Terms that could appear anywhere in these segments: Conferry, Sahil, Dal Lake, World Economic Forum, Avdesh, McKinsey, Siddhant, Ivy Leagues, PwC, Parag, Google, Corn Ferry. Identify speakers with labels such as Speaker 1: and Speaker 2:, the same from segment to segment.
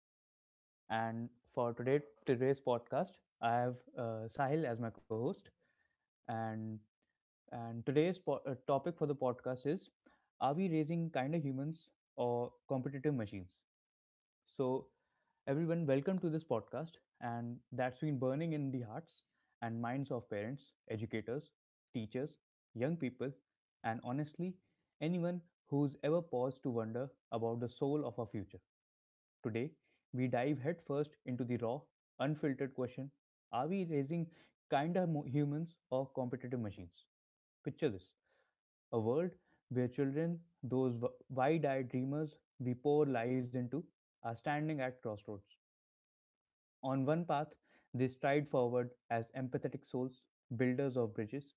Speaker 1: Siddhant, and for today's podcast, I have Sahil as my co-host, and topic for the podcast is: are we raising kinder humans or competitive machines? So, everyone, welcome to this podcast, and that's been burning in the hearts and minds of parents, educators, teachers, young people, and honestly, anyone who's ever paused to wonder about the soul of our future. Today, we dive headfirst into the raw, unfiltered question: are we raising humans or competitive machines? Picture this: a world where children, those wide eyed dreamers we pour lives into, are standing at crossroads. On one path, they stride forward as empathetic souls, builders of bridges,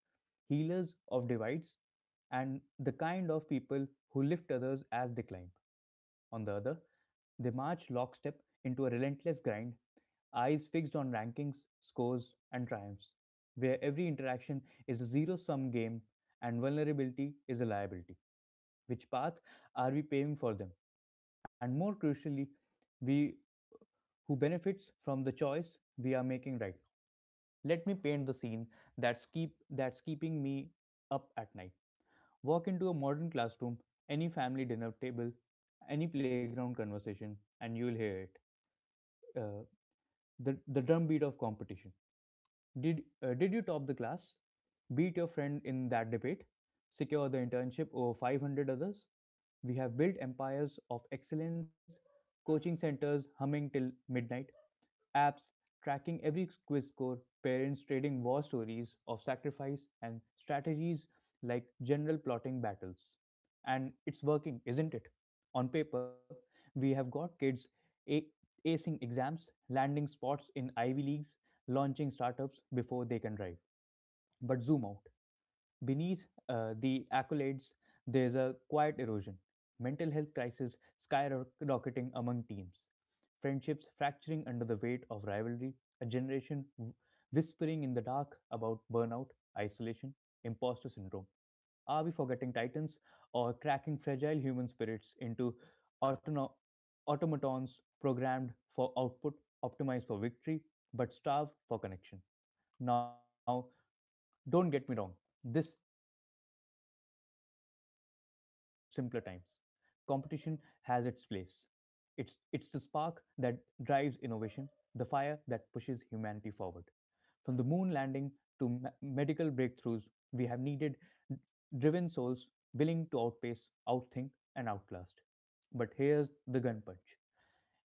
Speaker 1: healers of divides, and the kind of people who lift others as they climb. On the other, they march lockstep into a relentless grind, eyes fixed on rankings, scores, and triumphs, where every interaction is a zero sum game and vulnerability is a liability. Which path are we paving for them? And more crucially, we who benefits from the choice we are making right now. Let me paint the scene that's keep that's keeping me up at night. Walk into a modern classroom, any family dinner table, any playground conversation, and you'll hear it. Uh, the drumbeat of competition. Did you top the class? Beat your friend in that debate? Secure the internship over 500 others? We have built empires of excellence, coaching centers humming till midnight, apps tracking every quiz score, parents trading war stories of sacrifice, and strategies like general plotting battles. And it's working, isn't it? On paper, we have got kids a- acing exams, landing spots in Ivy Leagues, launching startups before they can drive. But zoom out. Beneath the accolades, there's a quiet erosion. Mental health crisis skyrocketing among teams. Friendships fracturing under the weight of rivalry. A generation whispering in the dark about burnout, isolation, imposter syndrome. Are we forgetting titans or cracking fragile human spirits into autono- automatons programmed for output, optimized for victory, but starved for connection? Now, don't get me wrong, this isn't some nostalgic lament for simpler times. Competition has its place. It's the spark that drives innovation, the fire that pushes humanity forward. From the moon landing to medical breakthroughs, we have needed driven souls willing to outpace, outthink, and outlast. But here's the gun punch: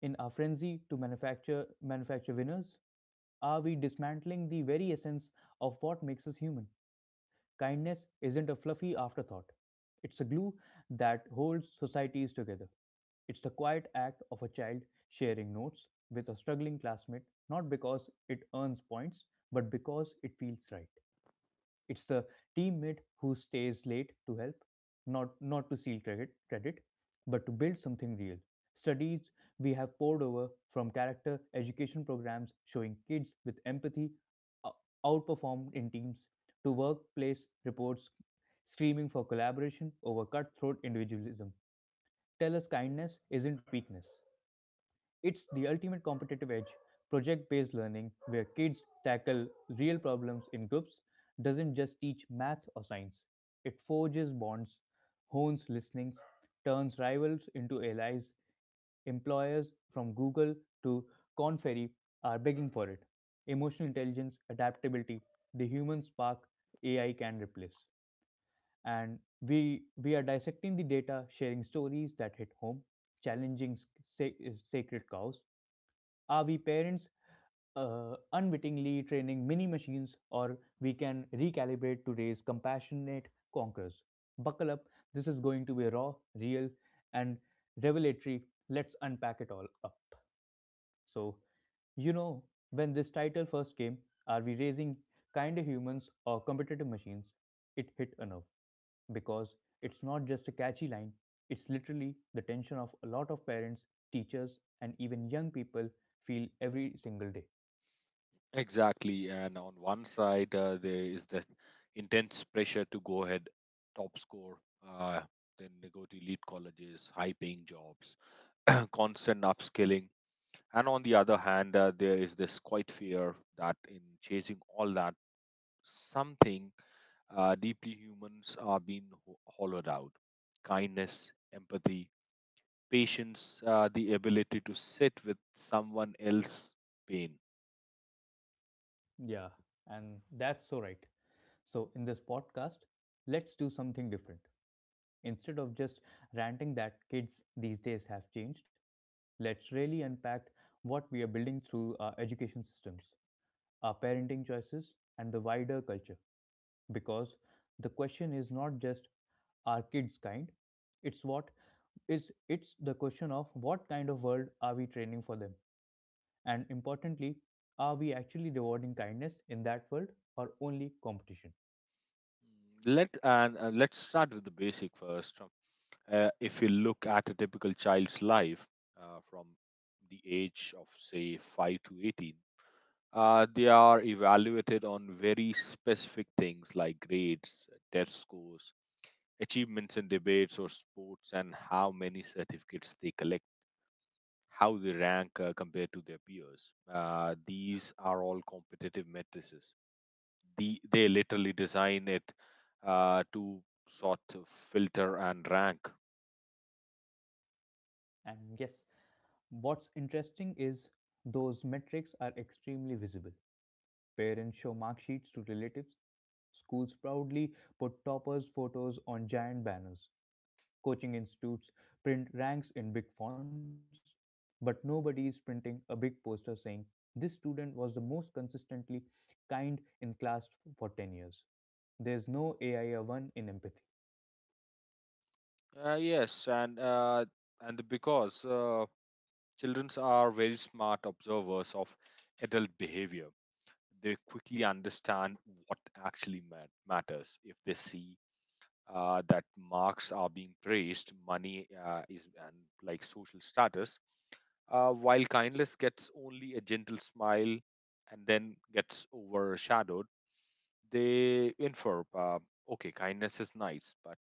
Speaker 1: in our frenzy to manufacture winners, are we dismantling the very essence of what makes us human? Kindness isn't a fluffy afterthought. It's a glue that holds societies together. It's the quiet act of a child sharing notes with a struggling classmate, not because it earns points, but because it feels right. It's the teammate who stays late to help, not to steal credit, but to build something real. Studies we have poured over, from character education programs showing kids with empathy ou- outperformed in teams to workplace reports screaming for collaboration over cutthroat individualism, tell us kindness isn't weakness. It's the ultimate competitive edge. Project based learning, where kids tackle real problems in groups, doesn't just teach math or science. It forges bonds, hones listenings, turns rivals into allies. Employers from Google to Conferry are begging for it. Emotional intelligence, adaptability, the human spark AI can replace. And we are dissecting the data, sharing stories that hit home, challenging sacred cows. Are we parents unwittingly training mini machines, or we can recalibrate to raise compassionate conquerors? Buckle up, this is going to be raw, real, and revelatory. Let's unpack it all up. So, you know, when this title first came, are we raising kinder humans or competitive machines? It hit a nerve because it's not just a catchy line, it's literally the tension of a lot of parents, teachers, and even young people feel every single day.
Speaker 2: Exactly. And on one side, there is the intense pressure to go ahead top score. Uh, then they go to elite colleges, high paying jobs, constant upskilling. And on the other hand, there is this quite fear that in chasing all that, something deeply humans are being hollowed out. Kindness, empathy, patience, the ability to sit with someone else's pain.
Speaker 1: Yeah, and that's so right. So, in this podcast, let's do something different. Instead of just ranting that kids these days have changed, let's really unpack what we are building through our education systems, our parenting choices, and the wider culture. Because the question is not just are kids kind, it's what it's the question of what kind of world are we training for them and importantly, are we actually rewarding kindness in that world or only competition?
Speaker 2: Mm, let's start with the basic first. If you look at a typical child's life from the age of say 5 to 18, they are evaluated on very specific things like grades, test scores, achievements in debates or sports, and how many certificates they collect. How they rank compared to their peers. These are all competitive metrics, they literally design it to sort of filter and rank.
Speaker 1: And yes, what's interesting is those metrics are extremely visible. Parents show mark sheets to relatives, schools proudly put toppers' photos on giant banners, coaching institutes print ranks in big fonts, but nobody is printing a big poster saying, this student was the most consistently kind in class for 10 years. There's no AIA1 in empathy.
Speaker 2: Yes, and because Children are very smart observers of adult behavior. They quickly understand what actually matters. If they see that marks are being praised, money is and like social status, while kindness gets only a gentle smile and then gets overshadowed, they infer, okay, kindness is nice, but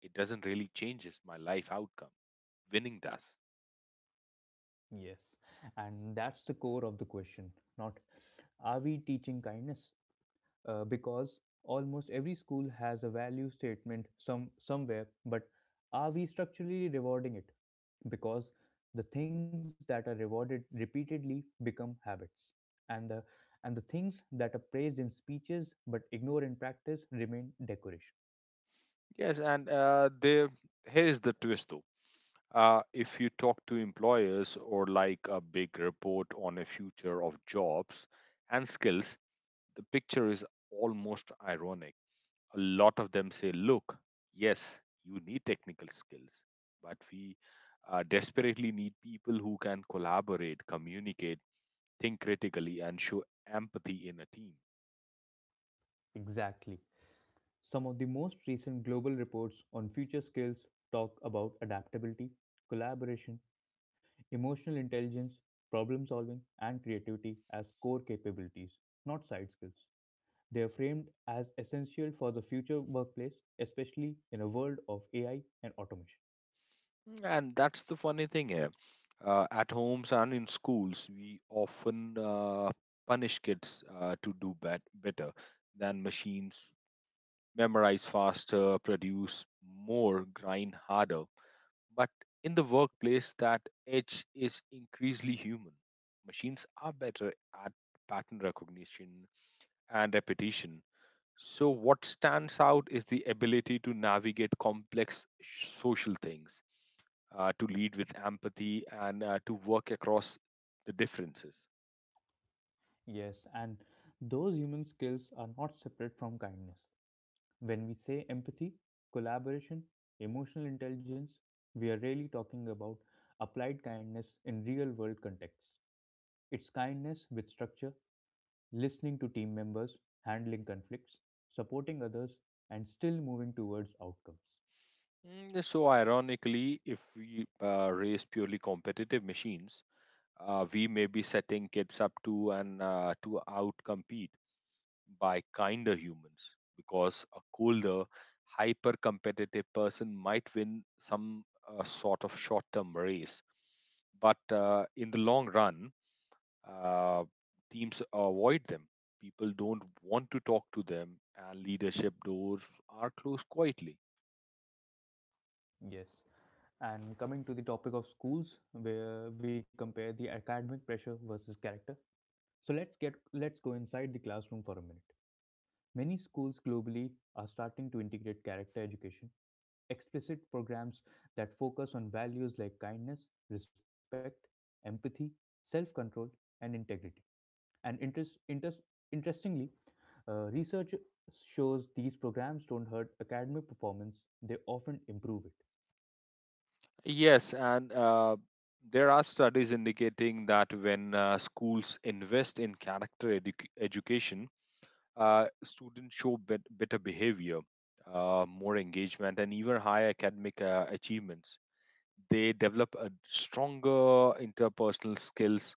Speaker 2: it doesn't really changes my life outcome. Winning does.
Speaker 1: Yes, and that's the core of the question. Not are we teaching kindness? Because almost every school has a value statement some somewhere, but are we structurally rewarding it, because the things that are rewarded repeatedly become habits, and the things that are praised in speeches but ignored in practice remain decoration.
Speaker 2: Yes, and there here is the twist though. If you talk to employers or like a big report on a future of jobs and skills, the picture is almost ironic. A lot of them say, look, yes, you need technical skills, but we desperately need people who can collaborate, communicate, think critically, and show empathy in a team.
Speaker 1: Exactly. Some of the most recent global reports on future skills talk about adaptability, collaboration, emotional intelligence, problem solving, and creativity as core capabilities, not side skills. They are framed as essential for the future workplace, especially in a world of AI and automation.
Speaker 2: And that's the funny thing here. At homes and in schools, we often punish kids to do better than machines, memorize faster, produce more, grind harder. But in the workplace, that edge is increasingly human. Machines are better at pattern recognition and repetition. So, what stands out is the ability to navigate complex social things, to lead with empathy, and to work across the differences.
Speaker 1: Yes, and those human skills are not separate from kindness. When we say empathy, collaboration, emotional intelligence, we are really talking about applied kindness in real world contexts. It's kindness with structure, listening to team members, handling conflicts, supporting others, and still moving towards outcomes.
Speaker 2: So, ironically, if we raise purely competitive machines, we may be setting kids up to outcompete by kinder humans, because a colder, hyper competitive person might win some sort of short term race. But in the long run, uh, teams avoid them. People don't want to talk to them, and leadership doors are closed quietly.
Speaker 1: Yes. And coming to the topic of schools, where we compare the academic pressure versus character. So let's go inside the classroom for a minute. Many schools globally are starting to integrate character education, explicit programs that focus on values like kindness, respect, empathy, self control, and integrity. And interestingly, research shows these programs don't hurt academic performance, they often improve it.
Speaker 2: Yes, and there are studies indicating that when schools invest in character education, students show better behavior, more engagement, and even higher academic achievements. They develop a stronger interpersonal skills,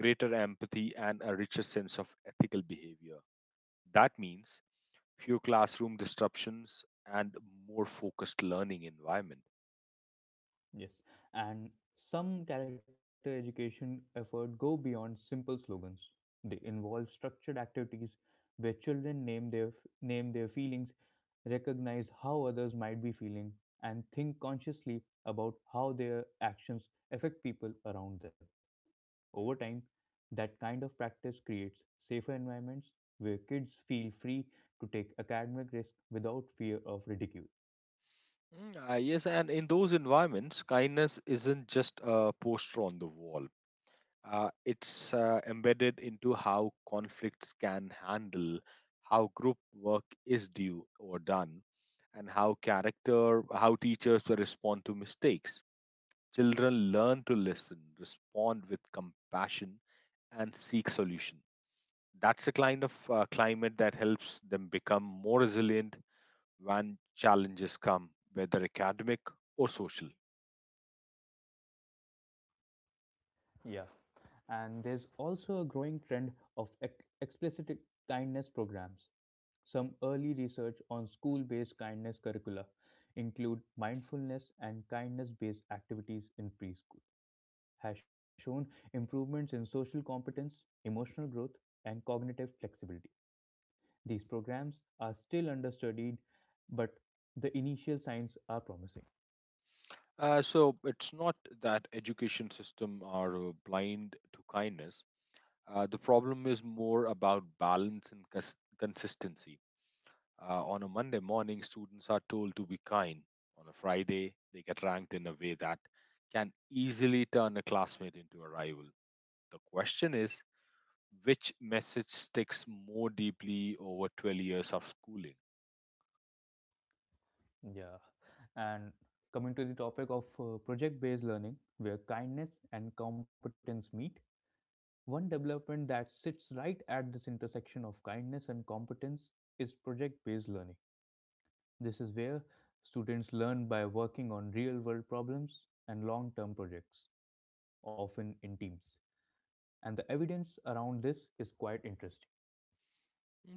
Speaker 2: greater empathy, and a richer sense of ethical behavior. That means fewer classroom disruptions and more focused learning environment.
Speaker 1: Yes, and some character education effort go beyond simple slogans. They involve structured activities where children name their feelings, recognize how others might be feeling, and think consciously about how their actions affect people around them. Over time, that kind of practice creates safer environments where kids feel free to take academic risk without fear of ridicule.
Speaker 2: Yes, and in those environments, kindness isn't just a poster on the wall. It's embedded into how conflicts can handle, how group work is due or done, and how character how teachers will respond to mistakes. Children learn to listen, respond with compassion, and seek solution. That's a kind of climate that helps them become more resilient when challenges come, whether academic or social.
Speaker 1: Yeah. And there's also a growing trend of explicit kindness programs. Some early research on school based kindness curricula, include mindfulness and kindness based activities in preschool, has shown improvements in social competence, emotional growth, and cognitive flexibility. These programs are still understudied, but the initial signs are promising.
Speaker 2: So it's not that education system are blind to kindness. The problem is more about balance and consistency. On a Monday morning, students are told to be kind. On a Friday, they get ranked in a way that can easily turn a classmate into a rival. The question is, which message sticks more deeply over 12 years of schooling?
Speaker 1: Yeah. And coming to the topic of project based learning, where kindness and competence meet, one development that sits right at this intersection of kindness and competence is project based learning. This is where students learn by working on real world problems and long term projects, often in teams. And the evidence around this is quite interesting.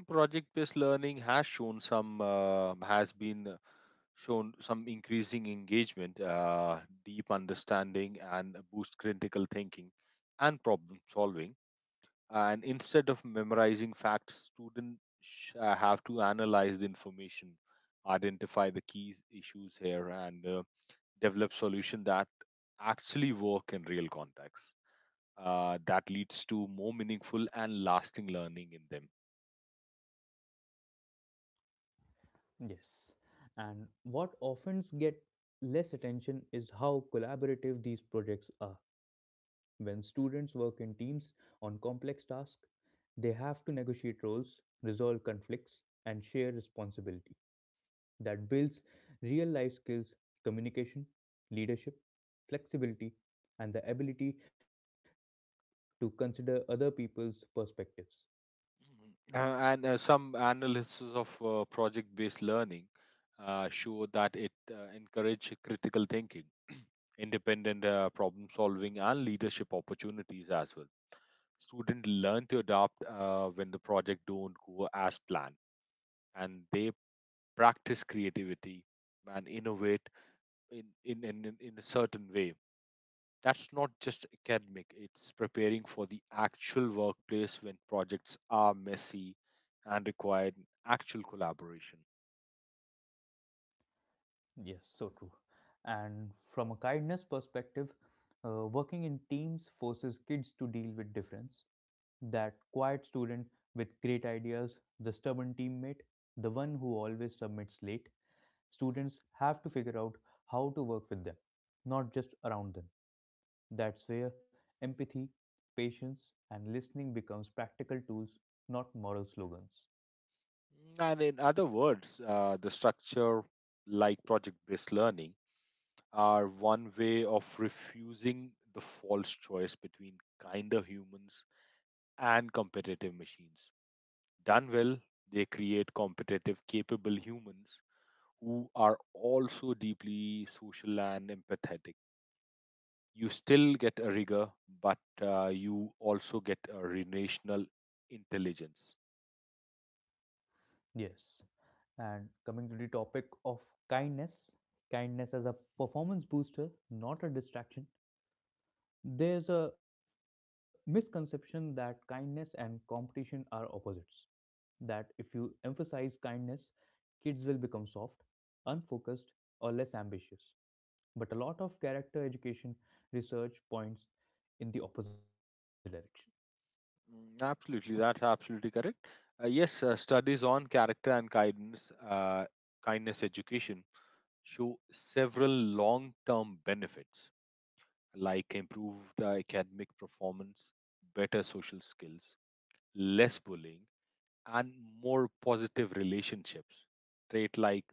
Speaker 2: Project based learning has shown has been shown some increasing engagement, deep understanding, and boost critical thinking and problem solving. And instead of memorizing facts, students have to analyze the information, identify the key issues here, and develop solutions that actually work in real contexts. That leads to more meaningful and lasting learning in them.
Speaker 1: Yes. And what often gets less attention is how collaborative these projects are. When students work in teams on complex tasks, they have to negotiate roles, resolve conflicts, and share responsibility. That builds real life skills, communication, leadership, flexibility, and the ability to consider other people's perspectives.
Speaker 2: Mhm. And Some analysis of project-based learning show that it encourage critical thinking, independent problem solving, and leadership opportunities as well. Students learn to adapt when the project don't go as planned, and they practice creativity and innovate in a certain way. That's not just academic, it's preparing for the actual workplace when projects are messy and require actual collaboration.
Speaker 1: Yes, so true. And from a kindness perspective, working in teams forces kids to deal with difference. That quiet student with great ideas, the stubborn teammate, the one who always submits late, students have to figure out how to work with them, not just around them. That's where empathy, patience, and listening becomes practical tools, not moral slogans.
Speaker 2: And in other words, the structure, like project based learning, are one way of refusing the false choice between kinder humans and competitive machines. Done well, they create competitive, capable humans who are also deeply social and empathetic. You still get a rigor, but you also get a relational intelligence.
Speaker 1: Yes. And coming to the topic of kindness, kindness as a performance booster, not a distraction. There's a misconception that kindness and competition are opposites. That if you emphasize kindness, kids will become soft, unfocused, or less ambitious. But a lot of character education research points in the opposite direction.
Speaker 2: Absolutely, that's absolutely correct. Yes, Studies on character and kindness, kindness education show several long-term benefits like improved academic performance, better social skills, less bullying, and more positive relationships. Trait like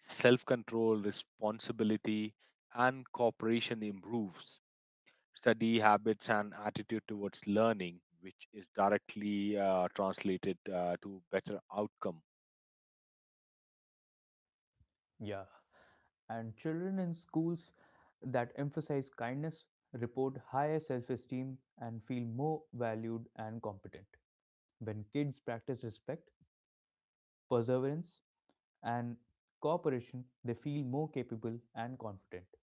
Speaker 2: self control, responsibility, and cooperation improves. Study habits and attitude towards learning, which is directly translated to better outcome.
Speaker 1: Yeah. And children in schools that emphasize kindness report higher self esteem and feel more valued and competent. When kids practice respect, perseverance, and cooperation, they feel more capable and confident.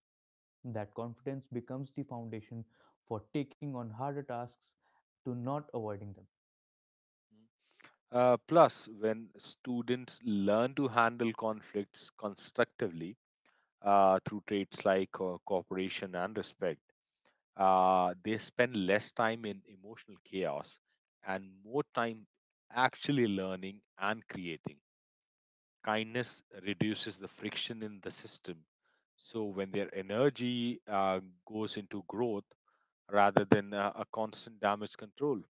Speaker 1: That confidence becomes the foundation for taking on harder tasks to not avoiding them.
Speaker 2: Plus, when students learn to handle conflicts constructively through traits like cooperation and respect, they spend less time in emotional chaos and more time actually learning and creating. Kindness reduces the friction in the system. So when their energy goes into growth rather than a constant damage control.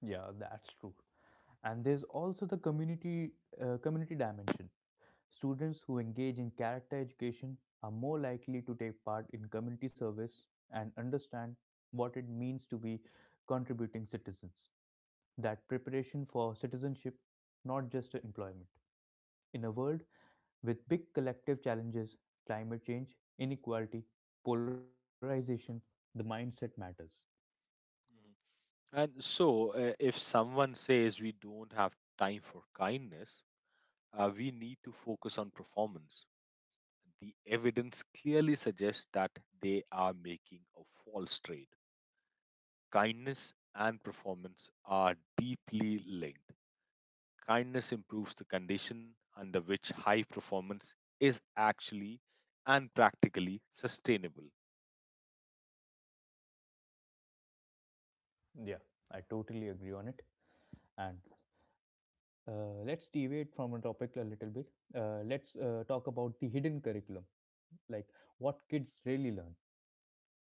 Speaker 1: Yeah, that's true. And there's also the community community dimension. Students who engage in character education are more likely to take part in community service and understand what it means to be contributing citizens. That preparation for citizenship, not just employment. In a world with big collective challenges, climate change, inequality, polarization, the mindset matters.
Speaker 2: Mhm. And so if someone says we don't have time for kindness, we need to focus on performance. The evidence clearly suggests that they are making a false trade. Kindness and performance are deeply linked. Kindness improves the condition under which high performance is actually and practically sustainable.
Speaker 1: Yeah, I totally agree on it. And let's deviate from a topic a little bit. Let's talk about the hidden curriculum, like what kids really learn.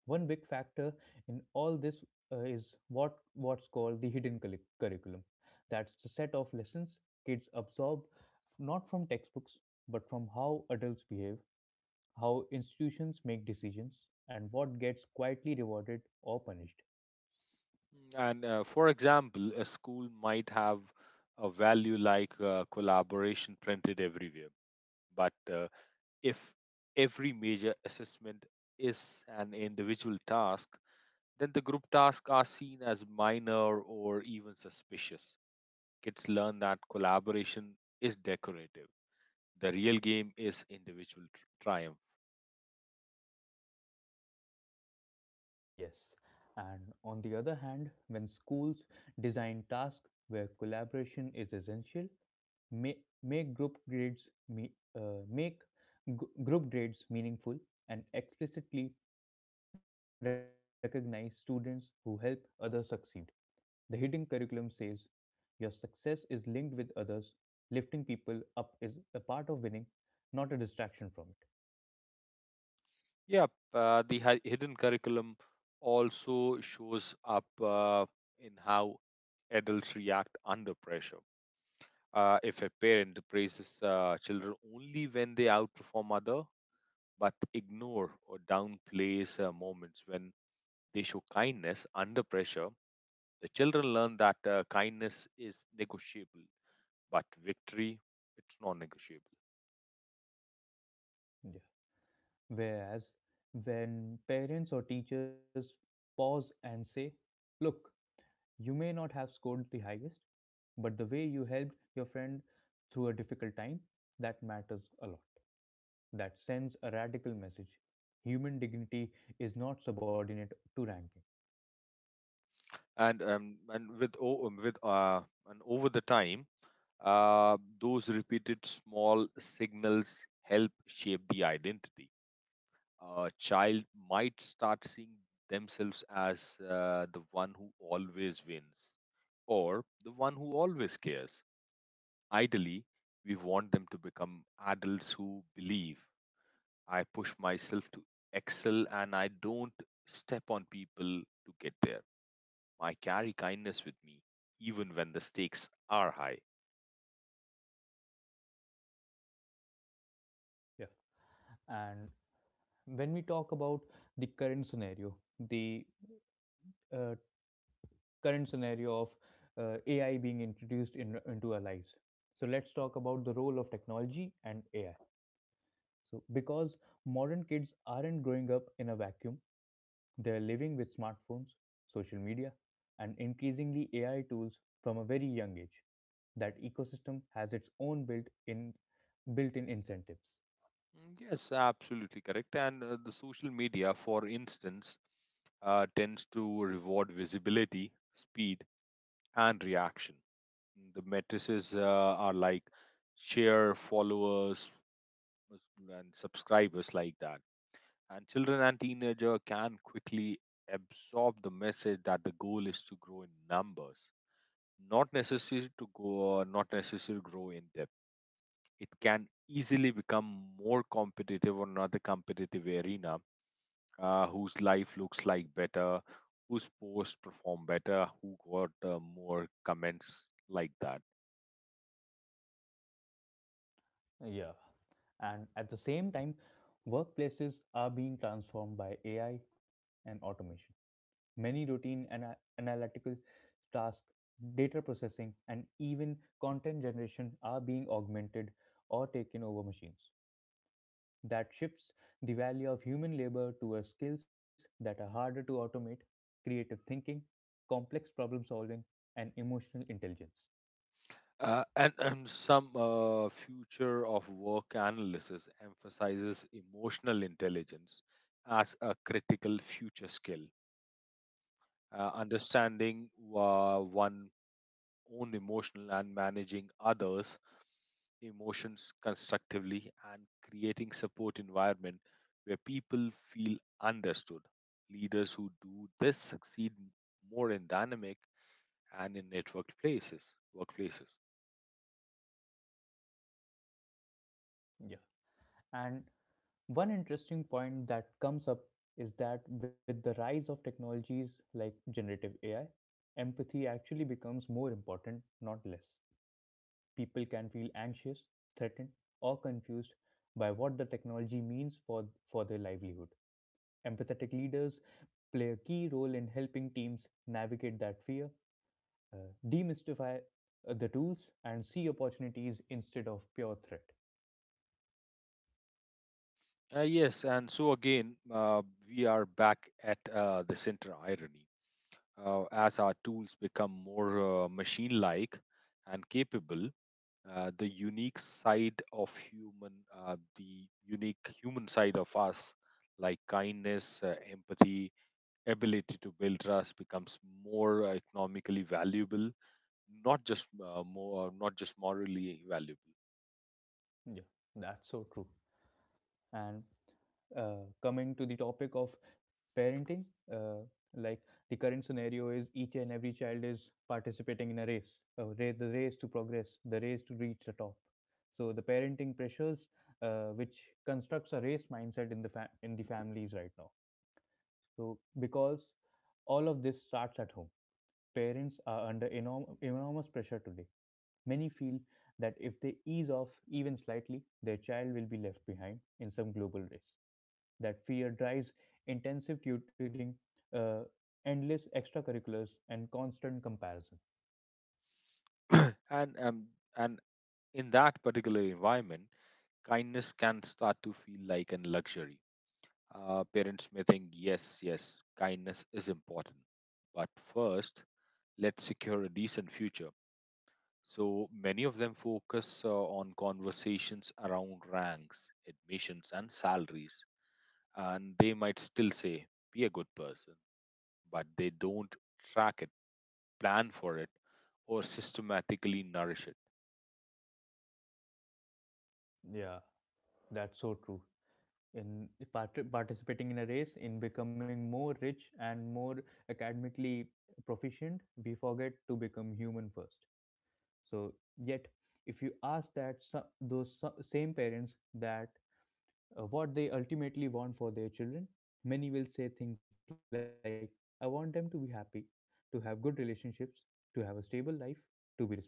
Speaker 1: One big factor in all this is what's called the curriculum. That's the set of lessons kids absorb not from textbooks but from how adults behave, how institutions make decisions, and what gets quietly rewarded or punished.
Speaker 2: And for example, a school might have a value like collaboration printed everywhere, but if every major assessment is an individual task, then the group tasks are seen as minor or even suspicious. Kids learn that collaboration is decorative. The real game is individual triumph.
Speaker 1: Yes. And on the other hand, when schools design tasks where collaboration is essential, make group grades meaningful and explicitly recognize students who help others succeed. The hidden curriculum says your success is linked with others. Lifting people up is a part of winning, not a distraction from it.
Speaker 2: Yep, hidden curriculum also shows up in how adults react under pressure. If a parent praises children only when they outperform other, but ignore or downplays moments when they show kindness under pressure, the children learn that kindness is negotiable, but victory it's non-negotiable.
Speaker 1: Yes. Whereas when parents or teachers pause and say, "Look, you may not have scored the highest, but the way you helped your friend through a difficult time, that matters a lot." That sends a radical message. Human dignity is not subordinate to ranking.
Speaker 2: And with o- with and over the time, those repeated small signals help shape the identity. A child might start seeing themselves as the one who always wins or the one who always cares. Ideally we want them to become adults who believe, I push myself to excel and I don't step on people to get there. I carry kindness with me, even when the stakes are high.
Speaker 1: Yeah. And when we talk about the uh, current scenario of AI being into our lives. So let's talk about the role of technology and AI. Because modern kids aren't growing up in a vacuum, they're living with smartphones, social media, and increasingly AI tools from a very young age. That ecosystem has its own built-in incentives.
Speaker 2: Yes, absolutely correct. And the social media, for instance, tends to reward visibility, speed, and reaction. The matrices are like share, followers, uh, and subscribers, like that. And children and teenager can quickly absorb the message that the goal is to grow in numbers, not necessary to grow in depth. It can easily become more competitive on another competitive arena, whose life looks like better, whose posts perform better, who got more comments like that.
Speaker 1: Yeah. And at the same time, workplaces are being transformed by AI and automation. Many routine analytical tasks, data processing, and even content generation are being augmented or taken over machines. That shifts the value of human labor towards skills that are harder to automate: creative thinking, complex problem solving, and emotional intelligence.
Speaker 2: And some future of work analysis emphasizes emotional intelligence as a critical future skill. Understanding one own emotional and managing others emotions constructively and creating support environment where people feel understood. Leaders who do this succeed more in dynamic and in networked places, workplaces.
Speaker 1: Yeah. And one interesting point that comes up is that with the rise of technologies like generative AI, empathy actually becomes more important, not less. People can feel anxious, threatened, or confused by what the technology means for their livelihood. Empathetic leaders play a key role in helping teams navigate that fear, demystify the tools, and see opportunities instead of pure threat.
Speaker 2: Yes, and so again, we are back at the center irony. As our tools become more machine like and capable, the unique human side of us, like kindness, empathy, ability to build trust, becomes more economically valuable, not just morally valuable.
Speaker 1: Yeah, that's so true. And coming to the topic of parenting, uh, like, the current scenario is each and every child is participating in a race, the race to progress, the race to reach the top. So the parenting pressures, which constructs a race mindset in the in the families right now. So because all of this starts at home, parents are under enormous pressure today. Many feel that if they ease off even slightly, their child will be left behind in some global race. That fear drives intensive tutoring, uh, endless extracurriculars, and constant comparison.
Speaker 2: and um, and in that particular environment, kindness can start to feel like a luxury. Parents may think, yes, yes, kindness is important. But first, let's secure a decent future. So many of them focus on conversations around ranks, admissions, and salaries. And they might still say, be a good person, but they don't track it, plan for it, or systematically nourish it.
Speaker 1: Yeah, that's so true. In participating in a race, in becoming more rich and more academically proficient, we forget to become human first. So, yet, if you ask those same parents that what they ultimately want for their children, many will say things like, "I want them to be happy, to have good relationships, to have a stable life, to be respected."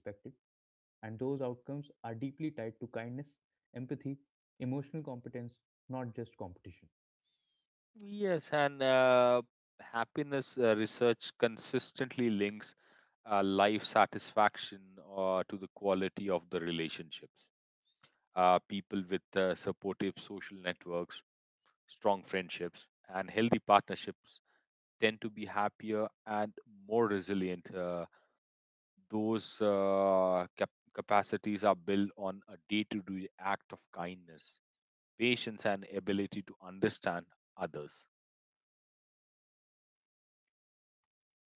Speaker 1: And those outcomes are deeply tied to kindness, empathy, emotional competence, not just competition.
Speaker 2: Yes, and happiness research consistently links life satisfaction to the quality of the relationships. People with supportive social networks, strong friendships, and healthy partnerships tend to be happier and more resilient. Those capacities are built on a day to day act of kindness, patience, and ability to understand others.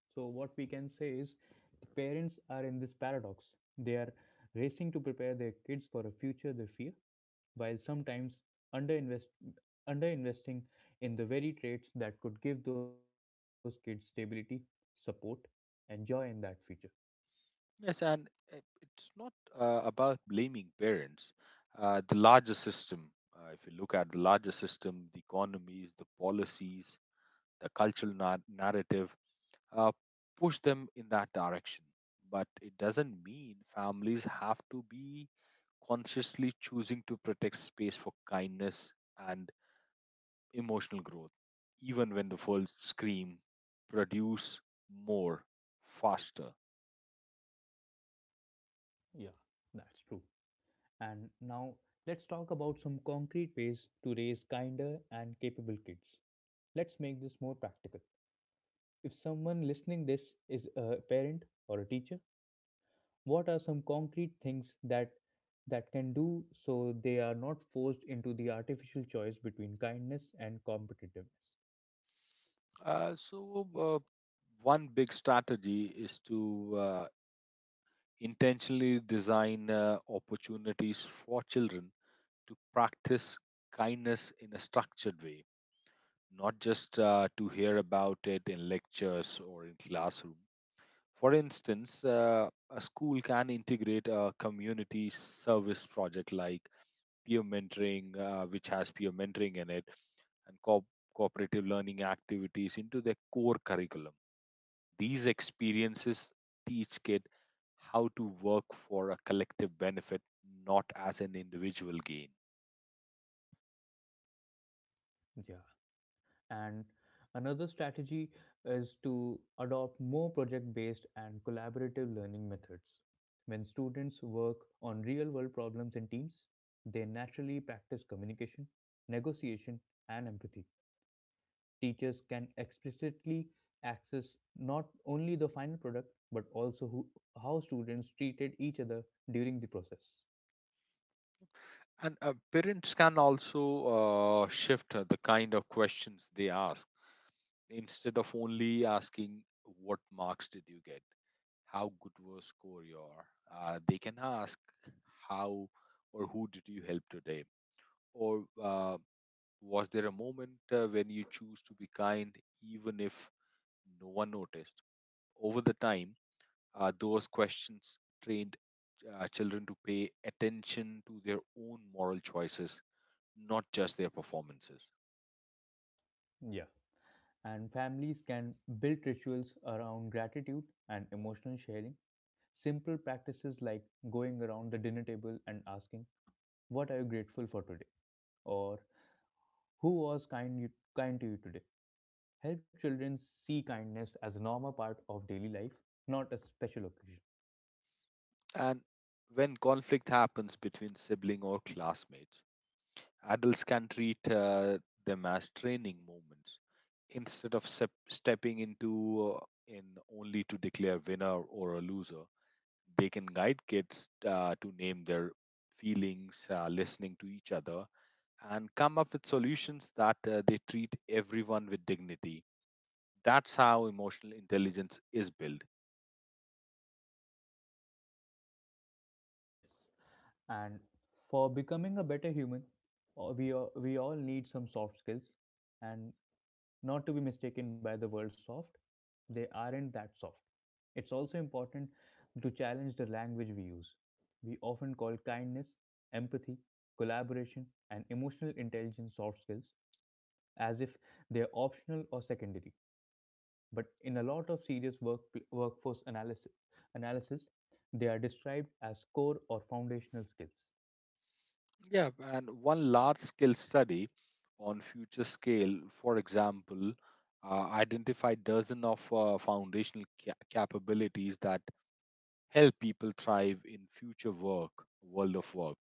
Speaker 1: So, what we can say is parents are in this paradox. They are racing to prepare their kids for a future they fear, while sometimes underinvest, underinvesting in the very traits that could give those kids stability, support, and joy in that future.
Speaker 2: Yes, and it's not about blaming parents. Uh, the larger system, if you look at the larger system, the economies, the policies, the cultural narrative, uh, push them in that direction. But it doesn't mean families have to be consciously choosing to protect space for kindness and emotional growth, even when the world scream, produce more, faster.
Speaker 1: Yeah, that's true. And now let's talk about some concrete ways to raise kinder and capable kids. Let's make this more practical. If someone listening this is a parent or a teacher, what are some concrete things that can do so they are not forced into the artificial choice between kindness and competitiveness?
Speaker 2: Uh, so, uh, one big strategy is to intentionally design opportunities for children to practice kindness in a structured way, not just to hear about it in lectures or in classroom. For instance, a school can integrate a community service project like peer mentoring, which has peer mentoring in it, and cooperative learning activities into their core curriculum. These experiences teach kid how to work for a collective benefit, not as an individual gain.
Speaker 1: Yeah. And another strategy is to adopt more project based and collaborative learning methods. When students work on real world problems in teams, they naturally practice communication, negotiation, and empathy. Teachers can explicitly access not only the final product, but also how students treated each other during the process.
Speaker 2: And parents can also shift the kind of questions they ask. Instead of only asking, "What marks did you get? How good was score your?" They can ask, "How or who did you help today?" Or was there a moment when you choose to be kind even if no one noticed? Over the time, those questions trained children to pay attention to their own moral choices, not just their performances.
Speaker 1: Yeah. And families can build rituals around gratitude and emotional sharing. Simple practices like going around the dinner table and asking, "What are you grateful for today?" or "Who was kind to you today?" help children see kindness as a normal part of daily life, not a special occasion.
Speaker 2: And when conflict happens between sibling or classmates, adults can treat them as training moments instead of stepping into in only to declare winner or a loser. They can guide kids to name their feelings, listening to each other, and come up with solutions that they treat everyone with dignity. That's how emotional intelligence is built.
Speaker 1: Yes. And for becoming a better human, we all need some soft skills. And not to be mistaken by the word soft. They aren't that soft. It's also important to challenge the language we use. We often call kindness, empathy, collaboration, and emotional intelligence soft skills, as if they are optional or secondary. But in a lot of serious work, workforce analysis, they are described as core or foundational skills.
Speaker 2: Yeah, and one large scale study on future scale, for example, identified dozen of foundational capabilities that help people thrive in future work, world of work.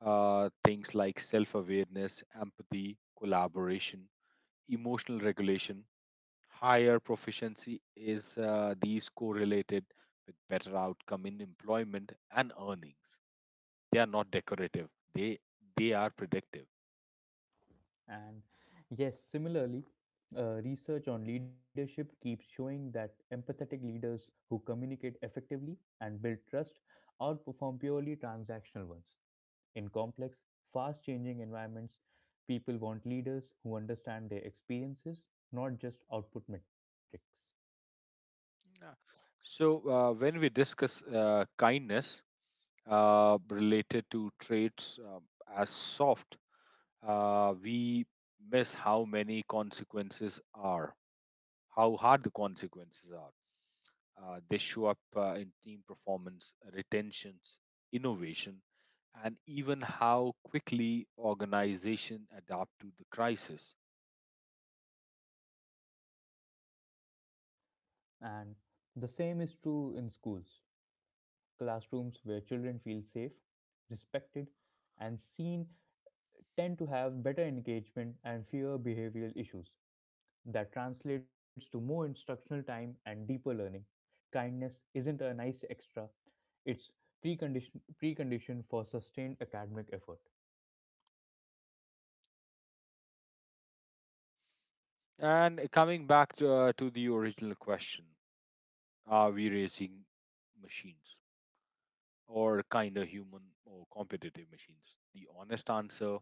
Speaker 2: Things like self awareness, empathy, collaboration, emotional regulation, higher proficiency is these correlated with better outcome in employment and earnings. They are not decorative. They are predictive.
Speaker 1: And yes, similarly, research on leadership keeps showing that empathetic leaders who communicate effectively and build trust outperform purely transactional ones. In complex, fast changing environments, people want leaders who understand their experiences, not just output metrics.
Speaker 2: Yeah. So when we discuss kindness related to traits as soft, we miss how many consequences are, how hard the consequences are. They show up in team performance, retentions, innovation, and even how quickly organization adapt to the crisis.
Speaker 1: And the same is true in schools. Classrooms where children feel safe, respected, and seen tend to have better engagement and fewer behavioral issues. That translates to more instructional time and deeper learning. Kindness isn't a nice extra, it's precondition for sustained academic effort.
Speaker 2: And coming back to the original question, are we racing machines or kind of human or competitive machines? The honest answer,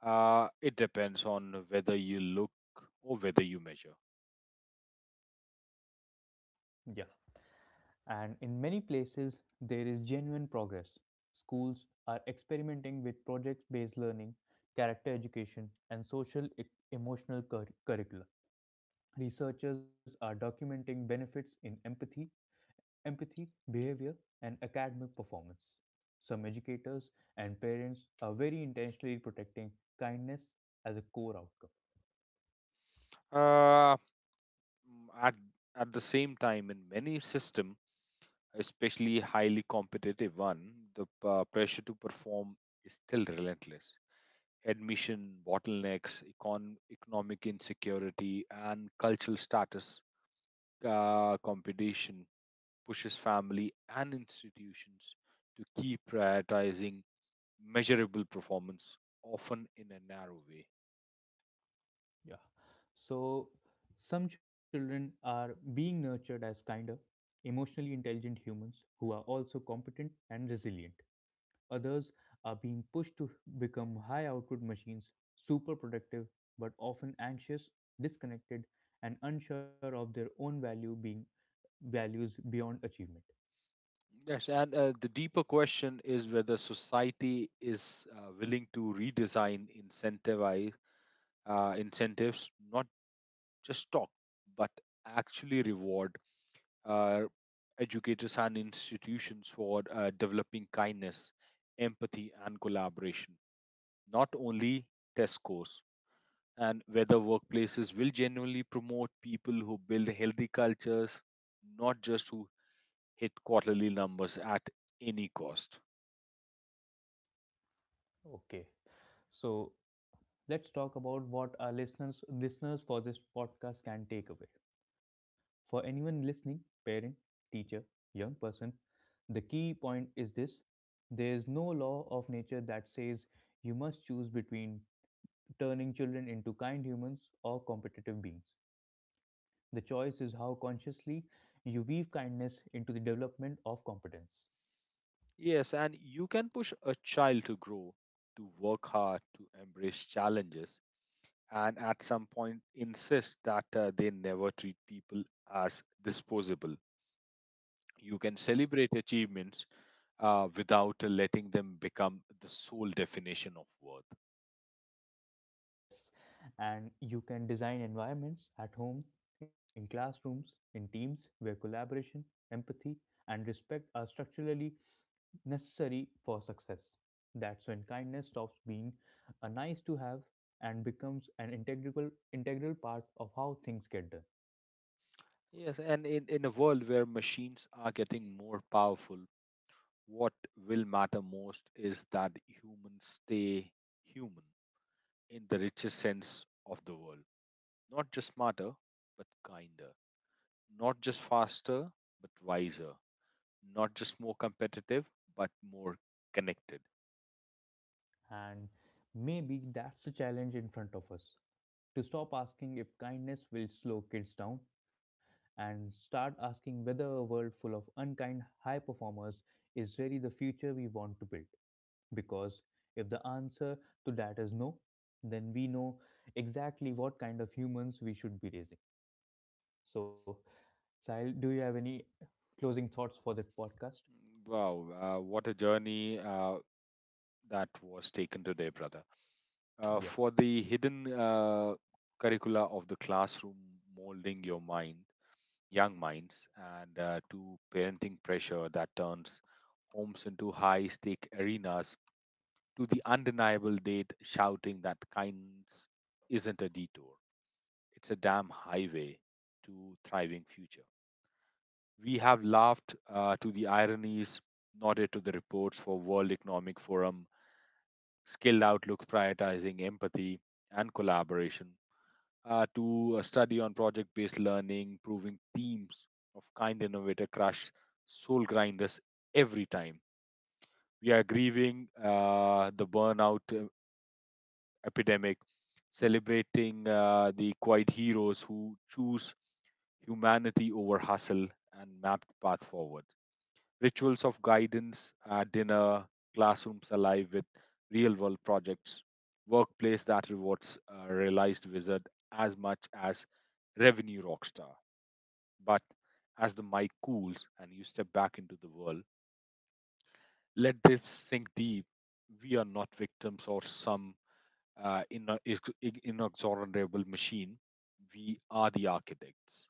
Speaker 2: it depends on whether you look or whether you measure.
Speaker 1: Yeah. And in many places there is genuine progress. Schools are experimenting with project-based learning, character education, and emotional curricula. Researchers are documenting benefits in empathy, behavior, and academic performance. Some educators and parents are very intentionally protecting kindness as a core outcome.
Speaker 2: Uh, mm, at, at the same time, in many system especially highly competitive one, the pressure to perform is still relentless. Admission, bottlenecks, economic insecurity, and cultural status competition pushes family and institutions to keep prioritizing measurable performance, often in a narrow way.
Speaker 1: Yeah. So, some children are being nurtured as kinder, emotionally intelligent humans who are also competent and resilient. Others are being pushed to become high output machines, super productive, but often anxious, disconnected, and unsure of their own values beyond achievement.
Speaker 2: Yes, and the deeper question is whether society is willing to redesign incentivize incentives not just talk, but actually reward uh, educators and institutions for developing kindness, empathy, and collaboration, not only test scores. And whether workplaces will genuinely promote people who build healthy cultures, not just who hit quarterly numbers at any cost.
Speaker 1: Okay. So let's talk about what our listeners for this podcast can take away. For anyone listening, parent, teacher, young person, the key point is this: there is no law of nature that says you must choose between turning children into kind humans or competitive beings. The choice is how consciously you weave kindness into the development of competence.
Speaker 2: Yes, and you can push a child to grow, to work hard, to embrace challenges and at some point insist that they never treat people as disposable. You can celebrate achievements without letting them become the sole definition of worth.
Speaker 1: Yes, and you can design environments at home, in classrooms, in teams where collaboration, empathy, and respect are structurally necessary for success. That's when kindness stops being a nice to have and becomes an integral part of how things get done.
Speaker 2: Yes, and in a world where machines are getting more powerful, what will matter most is that humans stay human in the richest sense of the world. Not just smarter, but kinder. Not just faster, but wiser, not just more competitive, but more connected.
Speaker 1: And maybe that's the challenge in front of us, to stop asking if kindness will slow kids down and start asking whether a world full of unkind high performers is really the future we want to build. Because if the answer to that is no, then we know exactly what kind of humans we should be raising. So, Sahil, do you have any closing thoughts for that podcast?
Speaker 2: Wow, what a journey that was taken today, brother.
Speaker 1: Yeah,
Speaker 2: For the hidden curricula of the classroom, molding your mind, young minds, and to parenting pressure that turns homes into high stake arenas, to the undeniable date shouting that kindness isn't a detour, it's a damn highway to thriving future. We have laughed to the ironies, nodded to the reports for World Economic Forum, skilled outlook prioritizing empathy and collaboration, to a study on project based learning, proving themes of kind innovator crush soul grinders every time. We are grieving the burnout epidemic, celebrating the quiet heroes who choose humanity over hustle and mapped path forward. Rituals of guidance, dinner, classrooms alive with real world projects, workplace that rewards a realized wizard as much as revenue rockstar. But as the mic cools and you step back into the world, let this sink deep. We are not victims or some inexorable machine. We are the architects.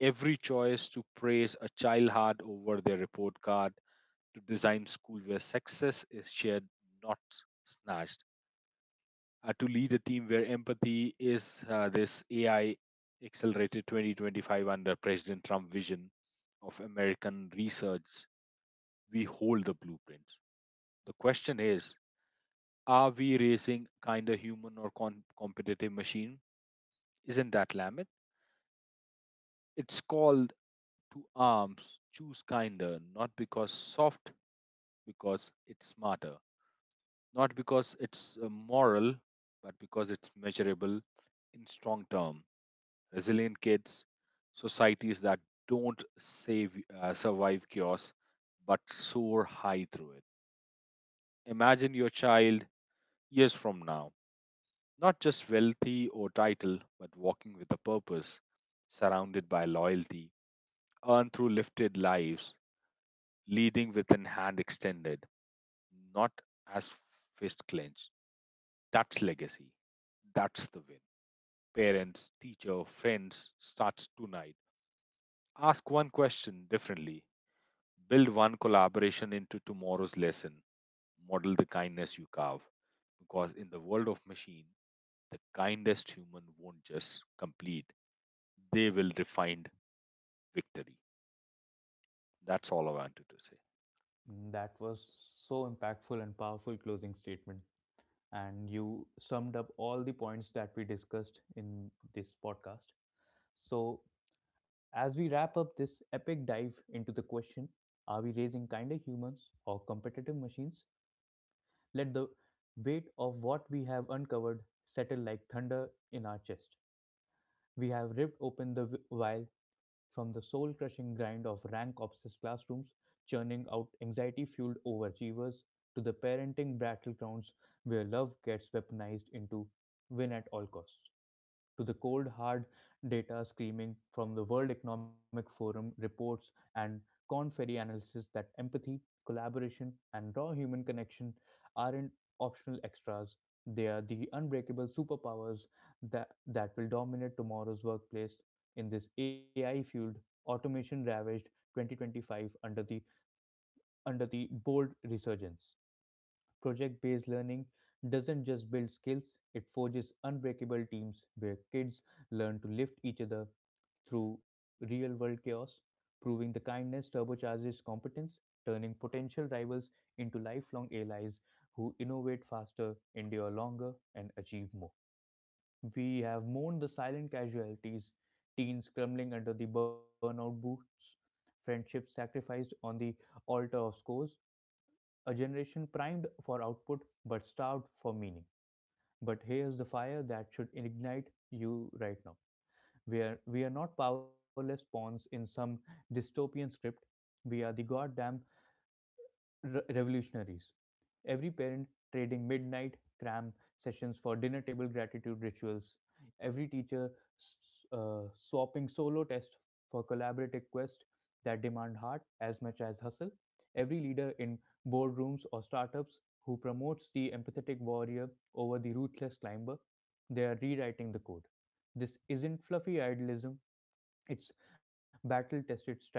Speaker 2: Every choice to praise a child hard over their report card to design school where success is shared, not snatched. To lead a team where empathy is this AI accelerated 2025 under President Trump vision of American research, we hold the blueprints. The question is, are we raising kind of human or competitive machine? Isn't that limit? It's called to arms, choose kinder, not because soft, because it's smarter. Not because it's moral, but because it's measurable in strong term. Resilient kids, societies that don't save, survive chaos, but soar high through it. Imagine your child years from now, not just wealthy or title, but walking with a purpose, surrounded by loyalty, earned through lifted lives, leading with an hand extended, not as fist clenched. That's legacy. That's the win. Parents, teacher, friends starts tonight. Ask one question differently. Build one collaboration into tomorrow's lesson. Model the kindness you carve. Because in the world of machine, the kindest human won't just complete, they will define victory. That's all I wanted to say.
Speaker 1: that was so impactful and powerful closing statement. And you summed up all the points that we discussed in this podcast. So, as we wrap up this epic dive into the question, are we raising kinder humans or competitive machines? Let the weight of what we have uncovered settle like thunder in our chest. We have ripped open the veil, from the soul crushing grind of rank obsessed classrooms, churning out anxiety fueled overachievers, to the parenting battlegrounds where love gets weaponized into win at all costs, to the cold hard data screaming from the World Economic Forum reports and Corn Ferry analysis that empathy, collaboration, and raw human connection aren't optional extras. They are the unbreakable superpowers that will dominate tomorrow's workplace in this AI fueled, automation ravaged 2025 under under the bold resurgence. Project based learning doesn't just build skills, it forges unbreakable teams where kids learn to lift each other through real world chaos, proving the kindness turbocharges competence, turning potential rivals into lifelong allies who innovate faster, endure longer, and achieve more. We have mourned the silent casualties, teens crumbling under the burnout boots, friendships sacrificed on the altar of scores, a generation primed for output but starved for meaning. But here's the fire that should ignite you right now. We are not powerless pawns in some dystopian script. We are the goddamn revolutionaries. Every parent trading midnight cram sessions for dinner table gratitude rituals. Every teacher swapping solo tests for collaborative quests that demand heart as much as hustle. Every leader in boardrooms or startups who promotes the empathetic warrior over the ruthless climber. They are rewriting the code. This isn't fluffy idealism, it's battle tested strategy.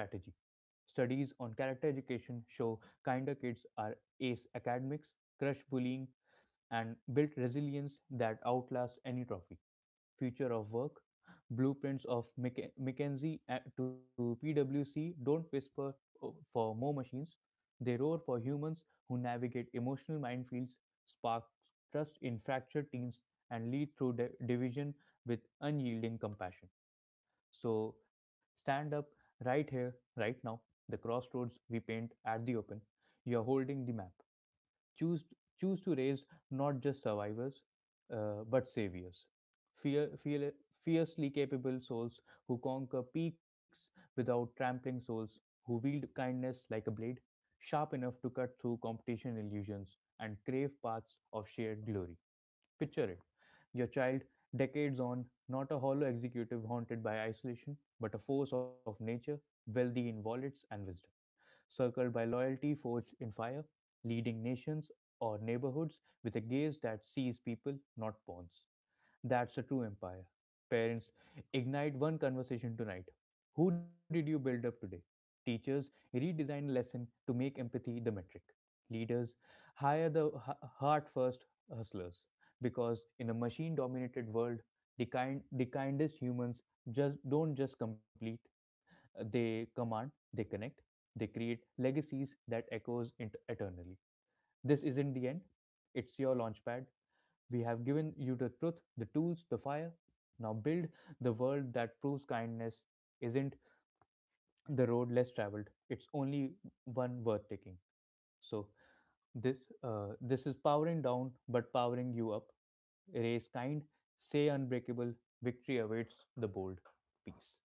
Speaker 1: Studies on character education show kinder kids are ace academics, crush bullying, and build resilience that outlasts any trophy. Future of work blueprints of McKinsey to PwC don't whisper for more machines, they roar for humans who navigate emotional minefields, spark trust in fractured teams, and lead through division with unyielding compassion. So stand up right here, right now, the crossroads we paint at the open. You are holding the map. Choose Choose to raise not just survivors, but saviors. Fear, fear, fiercely capable souls who conquer peaks without trampling souls, who wield kindness like a blade, sharp enough to cut through competition illusions and crave paths of shared glory. Picture it, your child decades on, not a hollow executive haunted by isolation, but a force of nature, wealthy in wallets and wisdom, circled by loyalty forged in fire, leading nations or neighborhoods with a gaze that sees people, not pawns. That's a true empire. Parents, ignite one conversation tonight. Who did you build up today? Teachers, redesign lesson to make empathy the metric. Leaders, hire the heart first hustlers, because in a machine dominated world, the kindest humans just don't just complete, they command, they connect, they create legacies that echoes eternally. This isn't the end, it's your launchpad. We have given you the truth, the tools, the fire. Now build the world that proves kindness isn't the road less traveled. It's only one worth taking. So this is powering down, but powering you up. Raise kind, say unbreakable. Victory awaits the bold. Peace.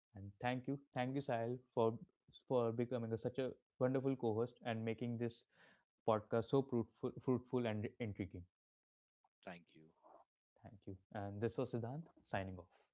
Speaker 1: And thank you, Sahil, for becoming a, such a wonderful co-host and making this podcast so fruitful and intriguing.
Speaker 2: Thank you.
Speaker 1: Thank you. And this was Siddhant signing off.